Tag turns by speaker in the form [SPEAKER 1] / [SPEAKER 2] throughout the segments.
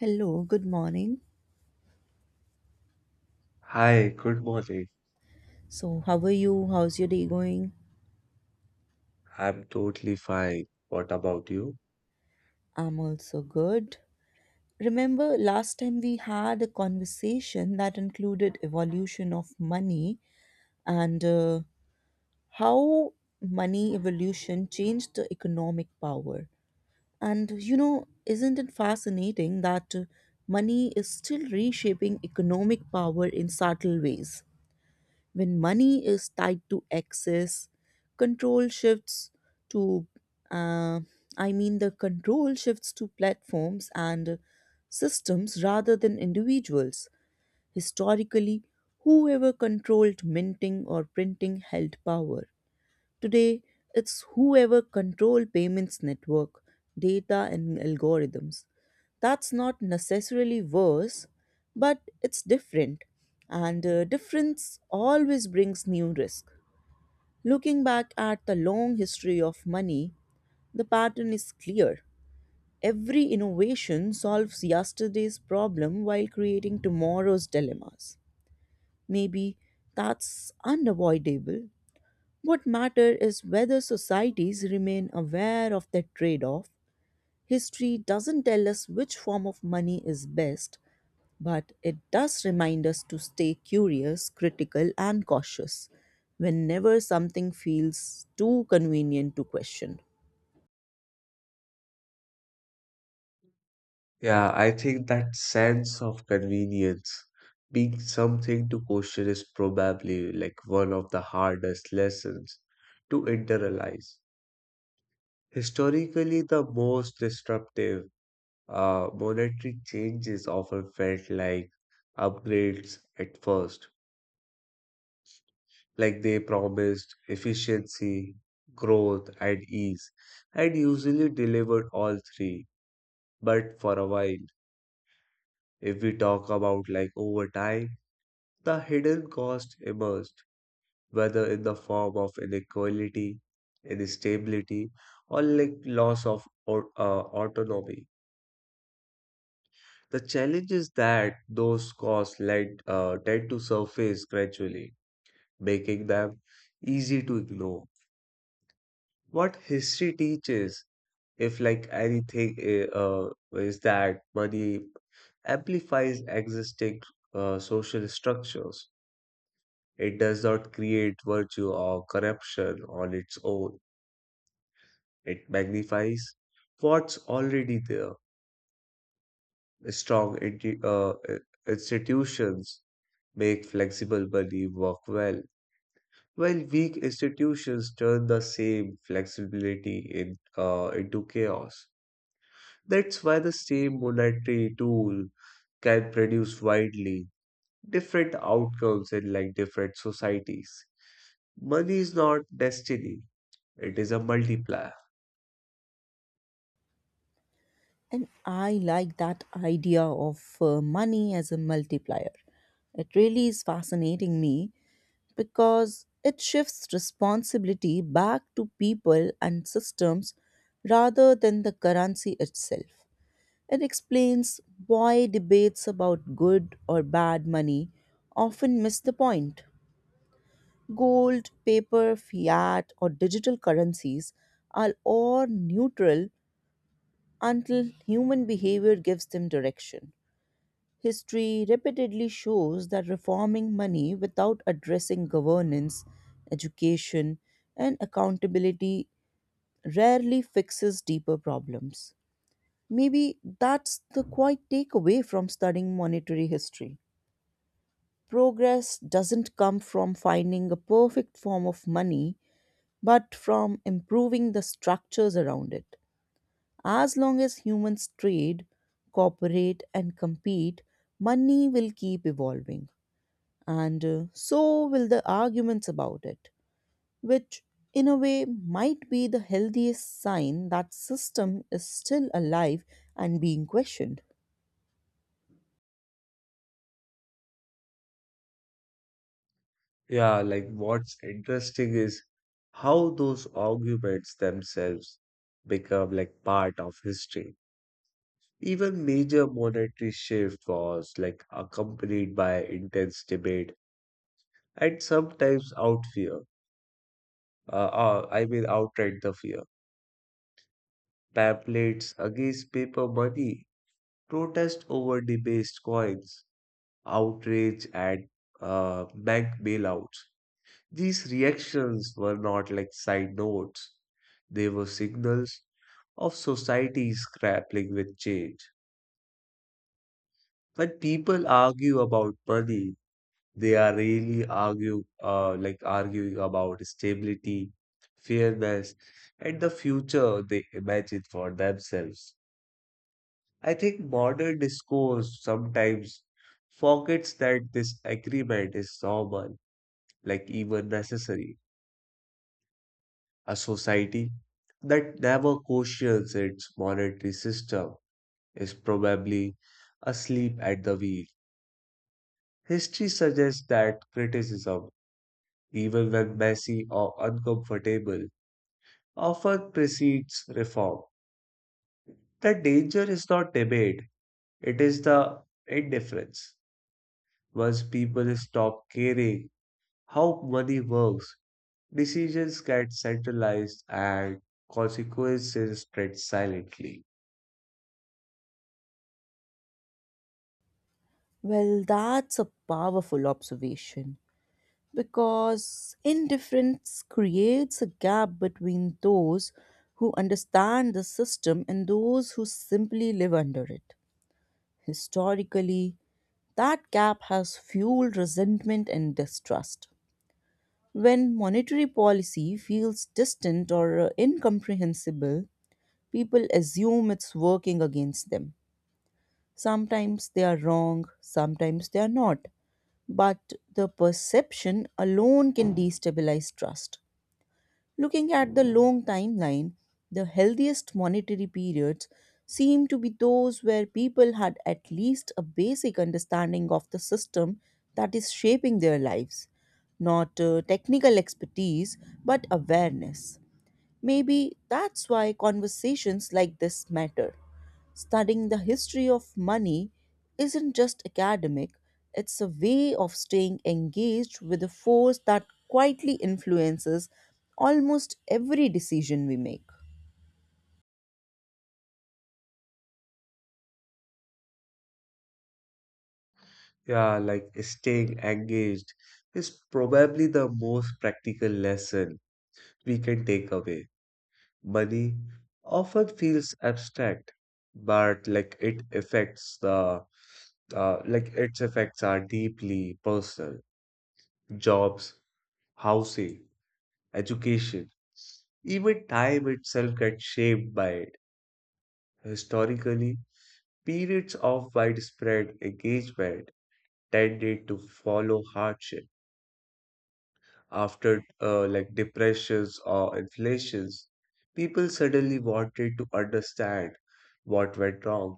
[SPEAKER 1] Hello, good morning.
[SPEAKER 2] Hi, good morning.
[SPEAKER 1] So, how are you? How's your day going?
[SPEAKER 2] I'm totally fine. What about you?
[SPEAKER 1] I'm also good. Remember last time we had a conversation that included evolution of money and how money evolution changed the economic power. And you know, isn't it fascinating that money is still reshaping economic power in subtle ways? When money is tied to access, control shifts to, uh, I mean, the control shifts to platforms and systems rather than individuals. Historically, whoever controlled minting or printing held power. Today, it's whoever control payments network, data and algorithms. That's not necessarily worse, but it's different. And difference always brings new risk. Looking back at the long history of money, the pattern is clear. Every innovation solves yesterday's problem while creating tomorrow's dilemmas. Maybe that's unavoidable. What matters is whether societies remain aware of that trade off. History doesn't tell us which form of money is best, but it does remind us to stay curious, critical, and cautious whenever something feels too convenient to question.
[SPEAKER 2] Yeah, I think that sense of convenience being something to question is probably like one of the hardest lessons to internalize. Historically, the most disruptive monetary changes often felt like upgrades at first, like they promised efficiency, growth, and ease, and usually delivered all three. But for a while, if we talk about like over time, the hidden cost emerged, whether in the form of inequality, instability, or like loss of autonomy. The challenge is that those costs tend to surface gradually, making them easy to ignore. What history teaches, if like anything, is that money amplifies existing social structures. It does not create virtue or corruption on its own. It magnifies what's already there. Strong institutions make flexible money work well, while weak institutions turn the same flexibility into chaos. That's why the same monetary tool can produce widely different outcomes in like different societies. Money is not destiny. It is a multiplier.
[SPEAKER 1] And I like that idea of money as a multiplier. It really is fascinating me because it shifts responsibility back to people and systems rather than the currency itself. It explains why debates about good or bad money often miss the point. Gold, paper, fiat, or digital currencies are all neutral until human behavior gives them direction. History repeatedly shows that reforming money without addressing governance, education, and accountability rarely fixes deeper problems. Maybe that's the quiet takeaway from studying monetary history. Progress doesn't come from finding a perfect form of money, but from improving the structures around it. As long as humans trade, cooperate, and compete, money will keep evolving and so will the arguments about it, which in a way might be the healthiest sign that system is still alive and being questioned.
[SPEAKER 2] Yeah, like what's interesting is how those arguments themselves become like part of history. Even major monetary shift was like accompanied by intense debate and sometimes out fear. Uh, I mean outright the fear. Pamphlets against paper money, protest over debased coins, outrage at bank bailouts. These reactions were not like side notes, they were signals of societies grappling with change. When people argue about money, they are really argue like arguing about stability, fairness, and the future they imagine for themselves. I think modern discourse sometimes forgets that this agreement is normal, like even necessary. A society that never questions its monetary system is probably asleep at the wheel. History suggests that criticism, even when messy or uncomfortable, often precedes reform. The danger is not debate, it is the indifference. Once people stop caring how money works, decisions get centralized and consequences spread silently.
[SPEAKER 1] Well, that's a powerful observation because indifference creates a gap between those who understand the system and those who simply live under it. Historically, that gap has fueled resentment and distrust. When monetary policy feels distant or incomprehensible, people assume it's working against them. Sometimes they are wrong, sometimes they are not. But the perception alone can destabilize trust. Looking at the long timeline, the healthiest monetary periods seem to be those where people had at least a basic understanding of the system that is shaping their lives. Not technical expertise, but awareness. Maybe that's why conversations like this matter. Studying the history of money isn't just academic, it's a way of staying engaged with a force that quietly influences almost every decision we make.
[SPEAKER 2] Yeah, like staying engaged is probably the most practical lesson we can take away. Money often feels abstract, but like it affects the like its effects are deeply personal. Jobs, housing, education, even time itself gets shaped by it. Historically, periods of widespread engagement tended to follow hardship after like depressions or inflations, people suddenly wanted to understand what went wrong.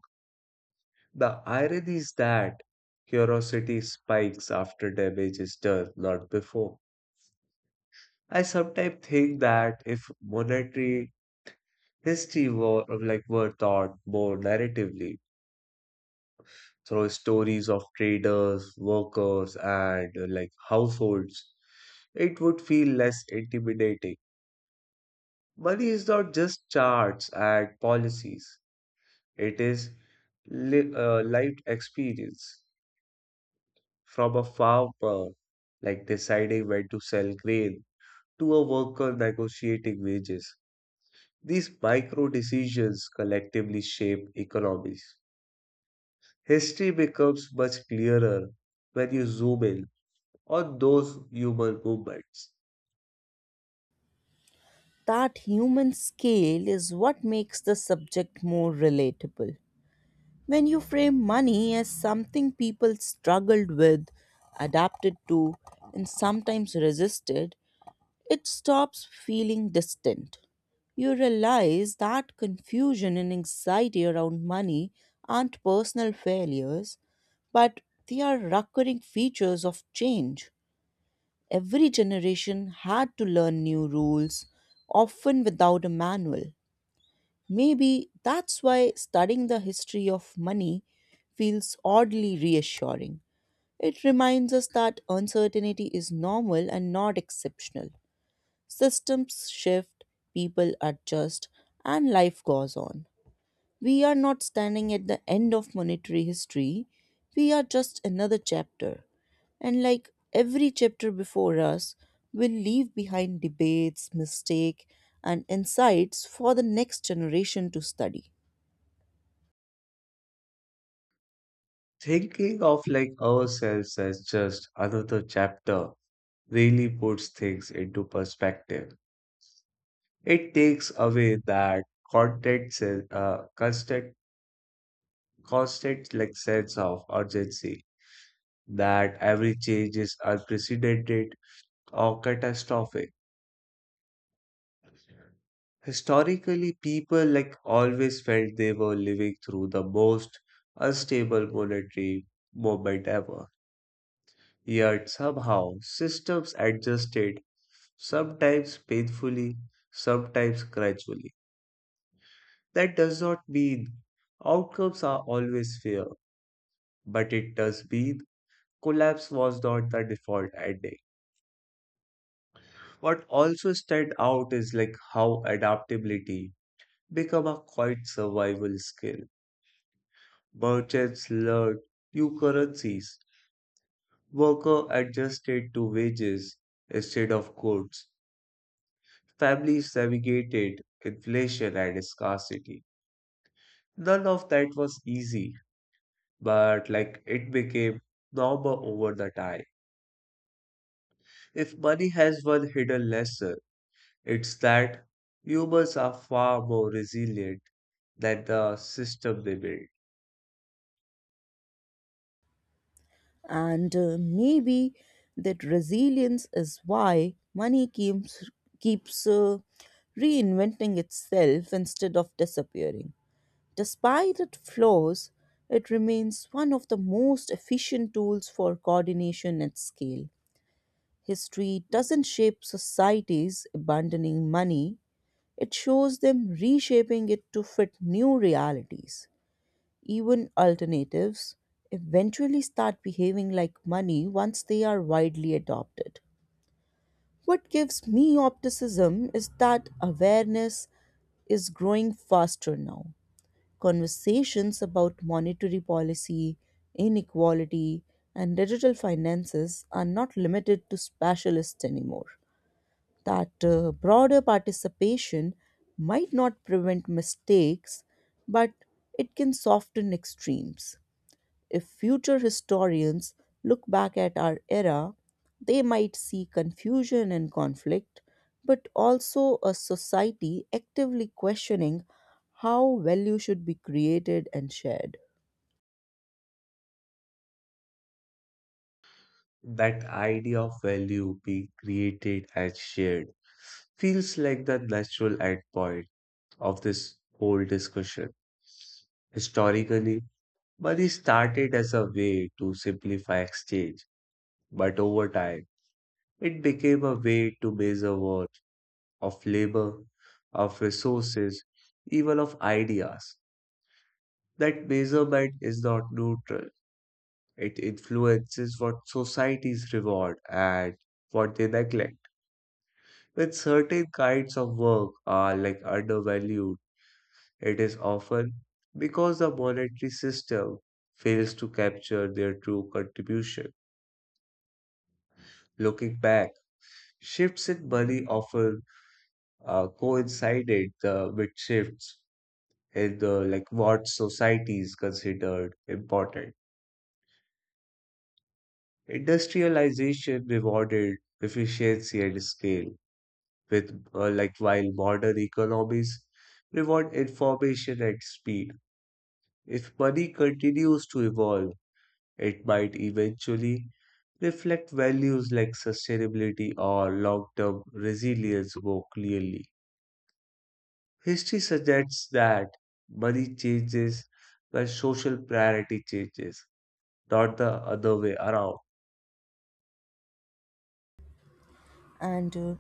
[SPEAKER 2] The irony is that curiosity spikes after damage is done, not before. I sometimes think that if monetary history were taught more narratively through stories of traders, workers, and like households, it would feel less intimidating. Money is not just charts and policies, it is lived experience from a farmer, like deciding when to sell grain, to a worker negotiating wages. These micro decisions collectively shape economies. History becomes much clearer when you zoom in on those human movements.
[SPEAKER 1] That human scale is what makes the subject more relatable. When you frame money as something people struggled with, adapted to, and sometimes resisted, it stops feeling distant. You realize that confusion and anxiety around money aren't personal failures, but they are recurring features of change. Every generation had to learn new rules, often without a manual. Maybe that's why studying the history of money feels oddly reassuring. It reminds us that uncertainty is normal and not exceptional. Systems shift, people adjust, and life goes on. We are not standing at the end of monetary history, we are just another chapter. And like every chapter before us, will leave behind debates, mistake, and insights for the next generation to study.
[SPEAKER 2] Thinking of like ourselves as just another chapter really puts things into perspective. It takes away that constant, se- uh, constant, constant like sense of urgency that every change is unprecedented or catastrophic. Historically, people like always felt they were living through the most unstable monetary moment ever. Yet somehow systems adjusted, sometimes painfully, sometimes gradually. That does not mean outcomes are always fair, but it does mean collapse was not the default ending. What also stands out is like how adaptability become a quite survival skill. Merchants learned new currencies, worker adjusted to wages instead of goods, families navigated inflation and scarcity. None of that was easy, but like it became normal over the time. If money has one hidden lesson, it's that humans are far more resilient than the system they build.
[SPEAKER 1] And maybe that resilience is why money keeps reinventing itself instead of disappearing. Despite its flaws, it remains one of the most efficient tools for coordination at scale. History doesn't shape societies abandoning money, it shows them reshaping it to fit new realities. Even alternatives eventually start behaving like money once they are widely adopted. What gives me optimism is that awareness is growing faster now. Conversations about monetary policy, inequality, and digital finances are not limited to specialists anymore. That broader participation might not prevent mistakes, but it can soften extremes. If future historians look back at our era, they might see confusion and conflict, but also a society actively questioning how value should be created and shared.
[SPEAKER 2] That idea of value being created and shared feels like the natural endpoint of this whole discussion. Historically, money started as a way to simplify exchange, but over time, it became a way to measure worth of labor, of resources, even of ideas. That measurement is not neutral. It influences what societies reward and what they neglect. When certain kinds of work are like undervalued, it is often because the monetary system fails to capture their true contribution. Looking back, shifts in money often coincided with shifts in the like what societies considered important. Industrialization rewarded efficiency and scale, with like while modern economies reward information and speed. If money continues to evolve, it might eventually reflect values like sustainability or long-term resilience more clearly. History suggests that money changes when social priority changes, not the other way around.
[SPEAKER 1] And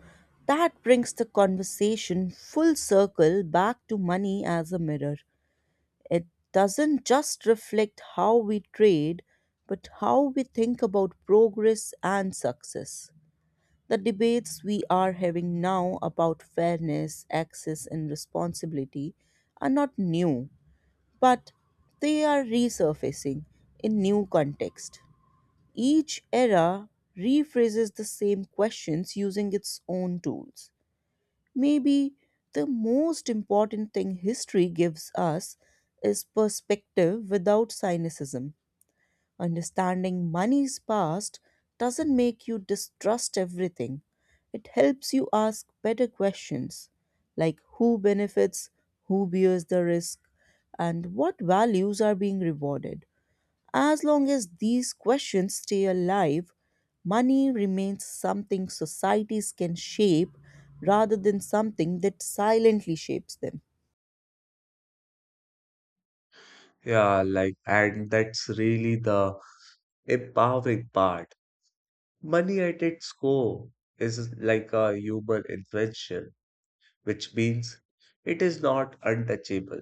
[SPEAKER 1] that brings the conversation full circle back to money as a mirror. It doesn't just reflect how we trade, but how we think about progress and success. The debates we are having now about fairness, access, and responsibility are not new, but they are resurfacing in new context. Each era rephrases the same questions using its own tools. Maybe the most important thing history gives us is perspective without cynicism. Understanding money's past doesn't make you distrust everything. It helps you ask better questions like who benefits, who bears the risk, and what values are being rewarded. As long as these questions stay alive, money remains something societies can shape rather than something that silently shapes them.
[SPEAKER 2] Yeah, like, and that's really the empowering part. Money at its core is like a human invention, which means it is not untouchable.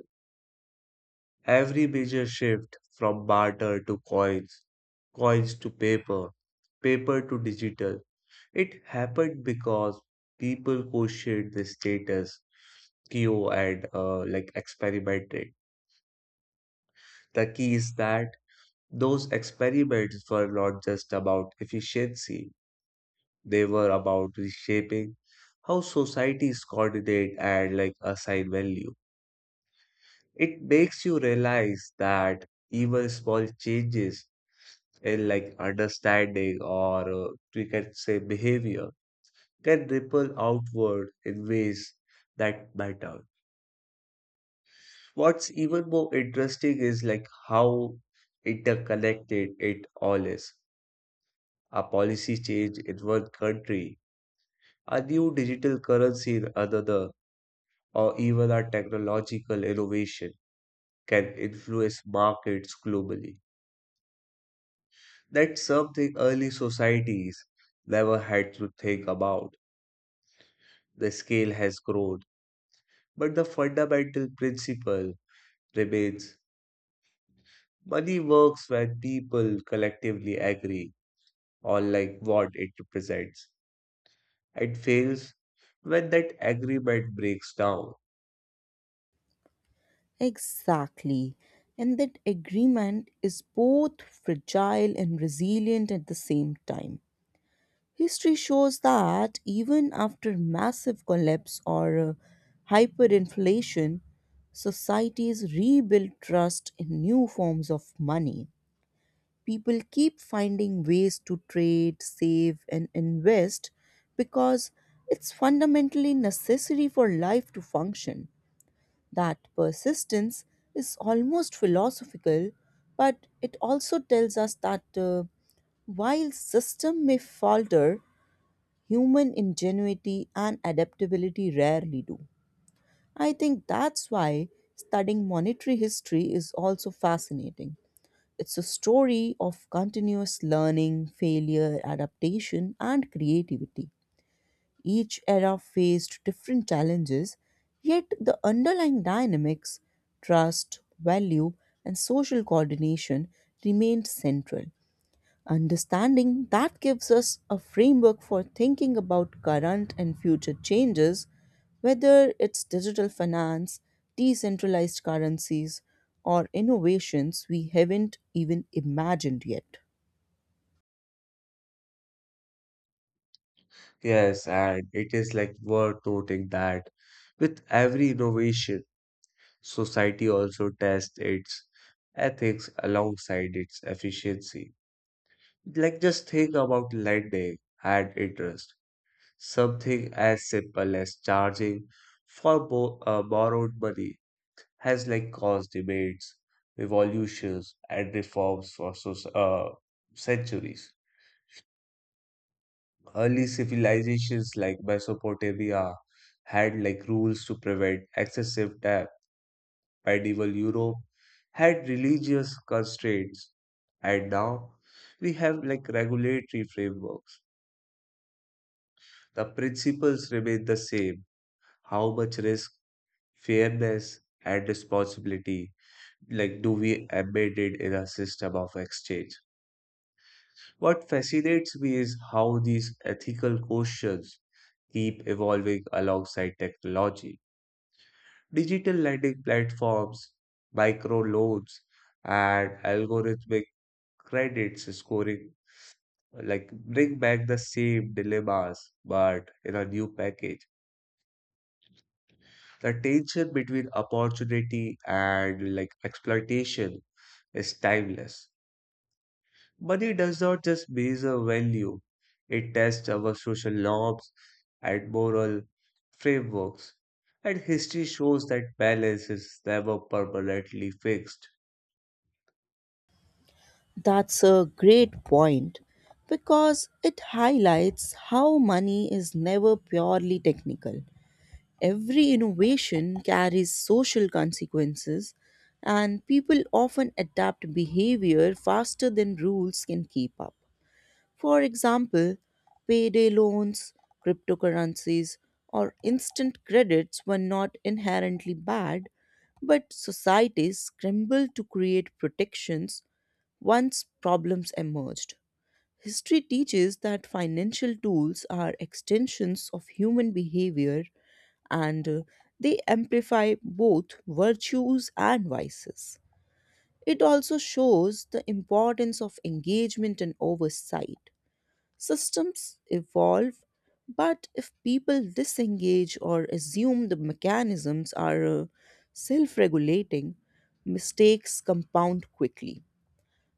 [SPEAKER 2] Every major shift from barter to coins, coins to paper, paper to digital, it happened because people questioned the status quo and like experimented. The key is that those experiments were not just about efficiency. They were about reshaping how societies coordinate and like assign value. It makes you realize that even small changes in like understanding or we can say behavior can ripple outward in ways that matter. What's even more interesting is like how interconnected it all is. A policy change in one country, a new digital currency in another, or even our technological innovation can influence markets globally. That's something early societies never had to think about. The scale has grown, but the fundamental principle remains. Money works when people collectively agree on like what it represents and fails when that agreement breaks down.
[SPEAKER 1] Exactly. And that agreement is both fragile and resilient at the same time. History shows that even after massive collapse or hyperinflation, societies rebuild trust in new forms of money. People keep finding ways to trade, save, and invest because it's fundamentally necessary for life to function. That persistence is almost philosophical, but it also tells us that while system may falter, human ingenuity and adaptability rarely do. I think that's why studying monetary history is also fascinating. It's a story of continuous learning, failure, adaptation, and creativity. Each era faced different challenges, yet the underlying dynamics, trust, value, and social coordination remained central. Understanding that gives us a framework for thinking about current and future changes, whether it's digital finance, decentralized currencies, or innovations we haven't even imagined yet.
[SPEAKER 2] Yes, and it is like worth noting that with every innovation society also tests its ethics alongside its efficiency. Like, just think about lending and interest. Something as simple as charging for borrowed money has like caused debates, revolutions, and reforms for centuries. Early civilizations like Mesopotamia had like rules to prevent excessive debt. Medieval Europe had religious constraints, and now we have like regulatory frameworks. The principles remain the same. How much risk, fairness, and responsibility like do we embed it in a system of exchange? What fascinates me is how these ethical questions keep evolving alongside technology. Digital lending platforms, micro loans, and algorithmic credits scoring like bring back the same dilemmas but in a new package. The tension between opportunity and like exploitation is timeless. Money does not just measure value, it tests our social norms and moral frameworks, and history shows that balance is never permanently fixed.
[SPEAKER 1] That's a great point because it highlights how money is never purely technical. Every innovation carries social consequences, and people often adapt behavior faster than rules can keep up. For example, payday loans, cryptocurrencies, or instant credits were not inherently bad, but societies scrambled to create protections once problems emerged. History teaches that financial tools are extensions of human behavior and they amplify both virtues and vices. It also shows the importance of engagement and oversight. Systems evolve, but if people disengage or assume the mechanisms are self regulating, mistakes compound quickly.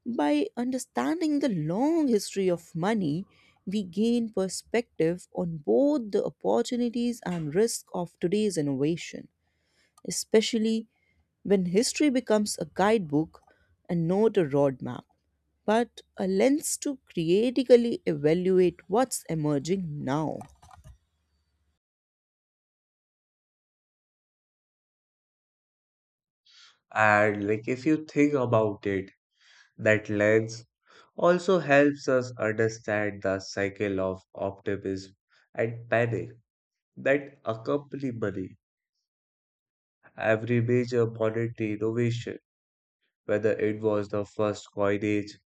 [SPEAKER 1] By understanding the long history of money, we gain perspective on both the opportunities and risk of today's innovation, especially when history becomes a guidebook and not a roadmap but a lens to critically evaluate what's emerging now.
[SPEAKER 2] And like if you think about it, that lens also helps us understand the cycle of optimism and panic that accompany money. Every major monetary innovation, whether it was the first coinage,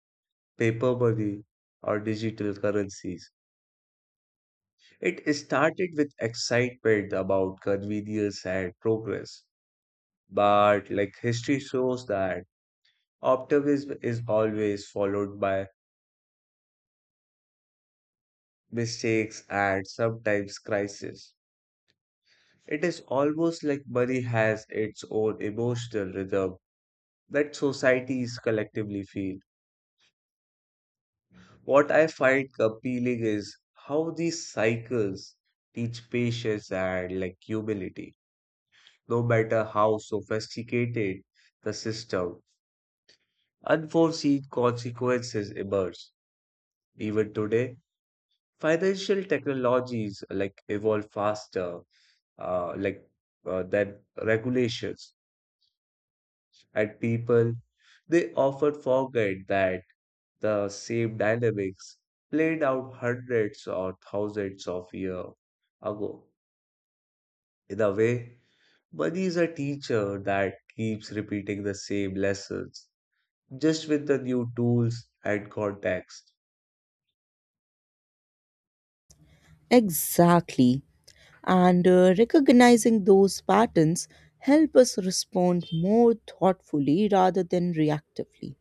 [SPEAKER 2] paper money, or digital currencies, it started with excitement about convenience and progress. But like history shows that optimism is always followed by mistakes and sometimes crisis. It is almost like money has its own emotional rhythm that societies collectively feel. What I find appealing is how these cycles teach patience and like humility. No matter how sophisticated the system, unforeseen consequences emerge. Even today, financial technologies like evolve faster, uh, like than regulations at people, they often forget that the same dynamics played out hundreds or thousands of years ago. In a way, money is a teacher that keeps repeating the same lessons, just with the new tools and context.
[SPEAKER 1] Exactly. And recognizing those patterns help us respond more thoughtfully rather than reactively.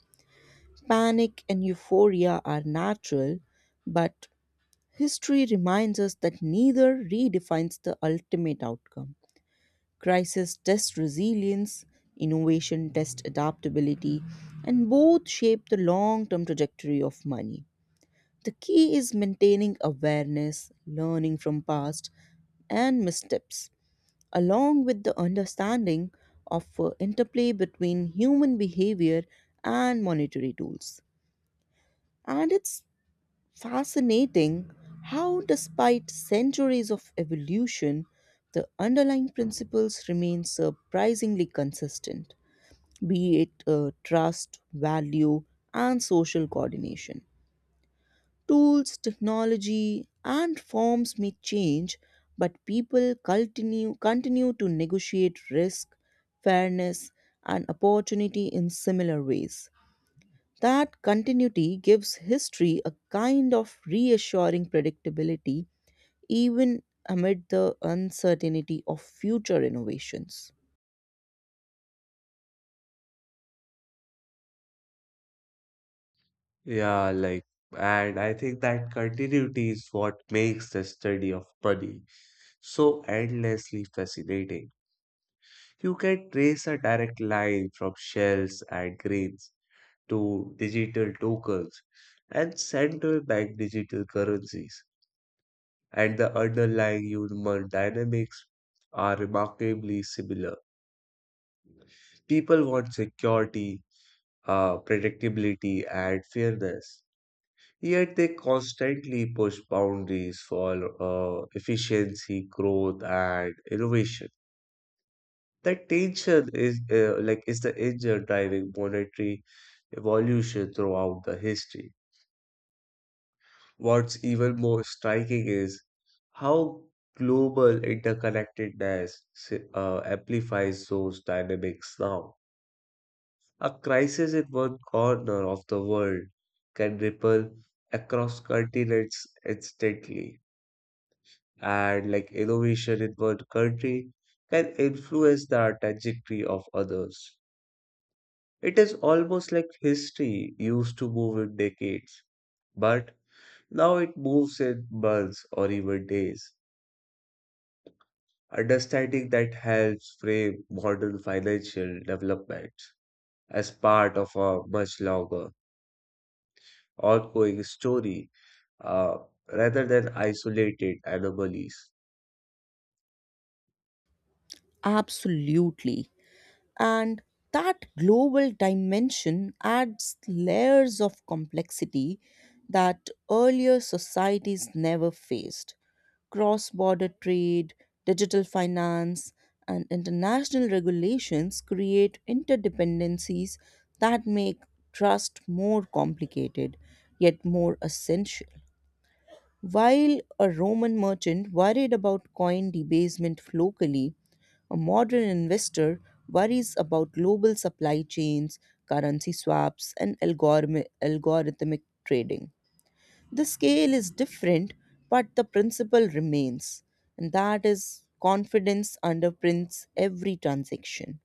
[SPEAKER 1] Panic and euphoria are natural, but history reminds us that neither redefines the ultimate outcome. Crisis test resilience, innovation test adaptability, and both shape the long term trajectory of money. The key is maintaining awareness, learning from past and missteps, along with the understanding of interplay between human behavior and monetary tools. And it's fascinating how, despite centuries of evolution, the underlying principles remain surprisingly consistent, be it trust, value, and social coordination. Tools, technology, and forms may change, but people continue to negotiate risk, fairness, and opportunity in similar ways. That continuity gives history a kind of reassuring predictability, even amid the uncertainty of future innovations.
[SPEAKER 2] Yeah, like, and I think that continuity is what makes the study of money so endlessly fascinating. You can trace a direct line from shells and grains to digital tokens and central bank digital currencies, and the underlying human dynamics are remarkably similar. People want security, predictability, and fairness. Yet they constantly push boundaries for efficiency, growth, and innovation. That tension is is the engine driving monetary evolution throughout the history. What's even more striking is how global interconnectedness amplifies those dynamics now. A crisis in one corner of the world can ripple across continents instantly, and like innovation in one country can influence the trajectory of others. It is almost like history used to move in decades, but now it moves in months or even days. Understanding that helps frame modern financial development as part of a much longer ongoing story, uh, rather than isolated anomalies.
[SPEAKER 1] Absolutely. And that global dimension adds layers of complexity that earlier societies never faced. Cross border trade, digital finance, and international regulations create interdependencies that make trust more complicated, yet more essential. While a Roman merchant worried about coin debasement locally, a modern investor worries about global supply chains, currency swaps, and algorithmic trading. The scale is different, but the principle remains, and that is confidence underprints every transaction.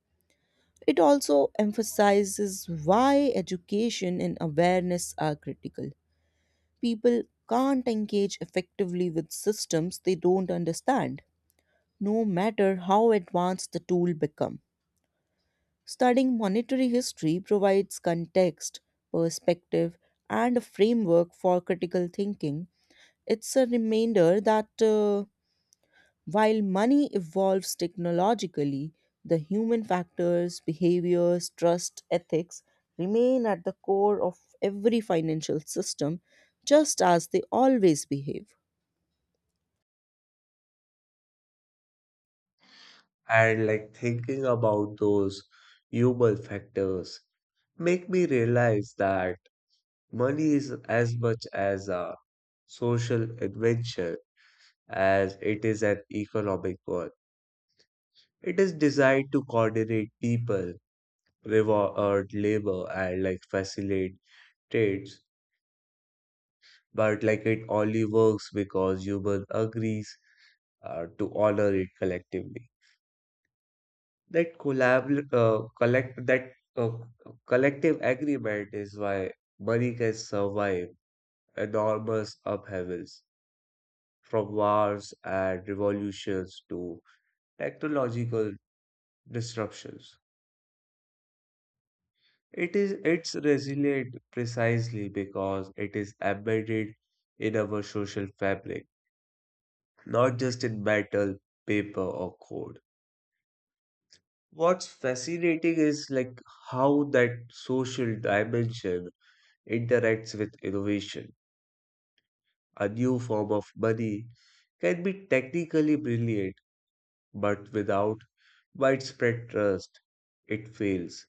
[SPEAKER 1] It also emphasizes why education and awareness are critical. People can't engage effectively with systems they don't understand, no matter how advanced the tool becomes. Studying monetary history provides context, perspective, and a framework for critical thinking. It's a reminder that while money evolves technologically, the human factors, behaviors, trust, ethics remain at the core of every financial system, just as they always behave.
[SPEAKER 2] And like thinking about those human factors make me realize that money is as much as a social adventure as it is an economic one. It is designed to coordinate people, reward labor and like facilitate trades, but like it only works because human agrees to honor it collectively. That collab uh, collect that uh, collective agreement is why money can survive enormous upheavals from wars and revolutions to technological disruptions. It's resilient precisely because it is embedded in our social fabric, not just in metal, paper, or code. What's fascinating is like how that social dimension interacts with innovation. A new form of money can be technically brilliant, but without widespread trust, it fails.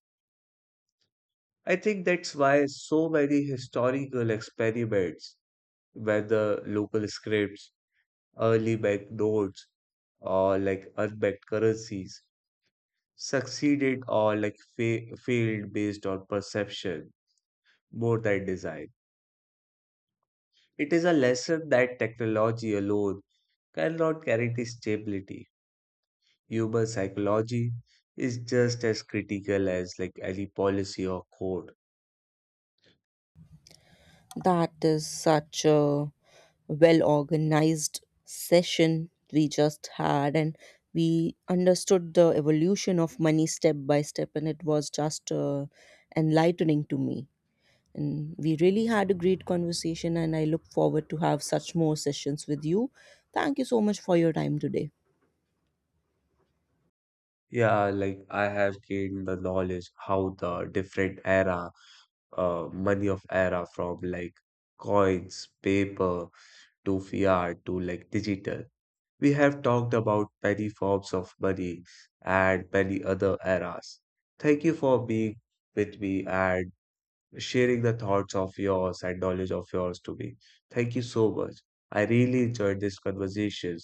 [SPEAKER 2] I think that's why so many historical experiments, whether local scripts, early banknotes, or like unbanked currencies, succeeded or like failed based on perception more than design. It is a lesson that technology alone cannot guarantee stability. Human psychology is just as critical as like any policy or code.
[SPEAKER 1] That is such a well organized session we just had, and we understood the evolution of money step by step, and it was just enlightening to me. And we really had a great conversation, and I look forward to have such more sessions with you. Thank you so much for your time today.
[SPEAKER 2] Yeah, like I have gained the knowledge how the different era, money of era from like coins, paper to fiat to like digital. We have talked about many forms of money and many other eras. Thank you for being with me and sharing the thoughts of yours and knowledge of yours to me. Thank you so much. I really enjoyed this conversation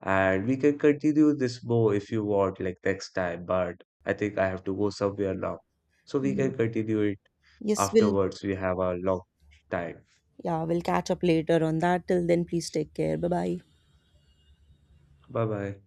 [SPEAKER 2] and we can continue this more if you want, like next time. But I think I have to go somewhere now. So we
[SPEAKER 1] Yes.
[SPEAKER 2] can continue it
[SPEAKER 1] Yes, we'll
[SPEAKER 2] afterwards. We have a long time.
[SPEAKER 1] Yeah, we'll catch up later on that. Till then, please take care. Bye bye.
[SPEAKER 2] Bye bye.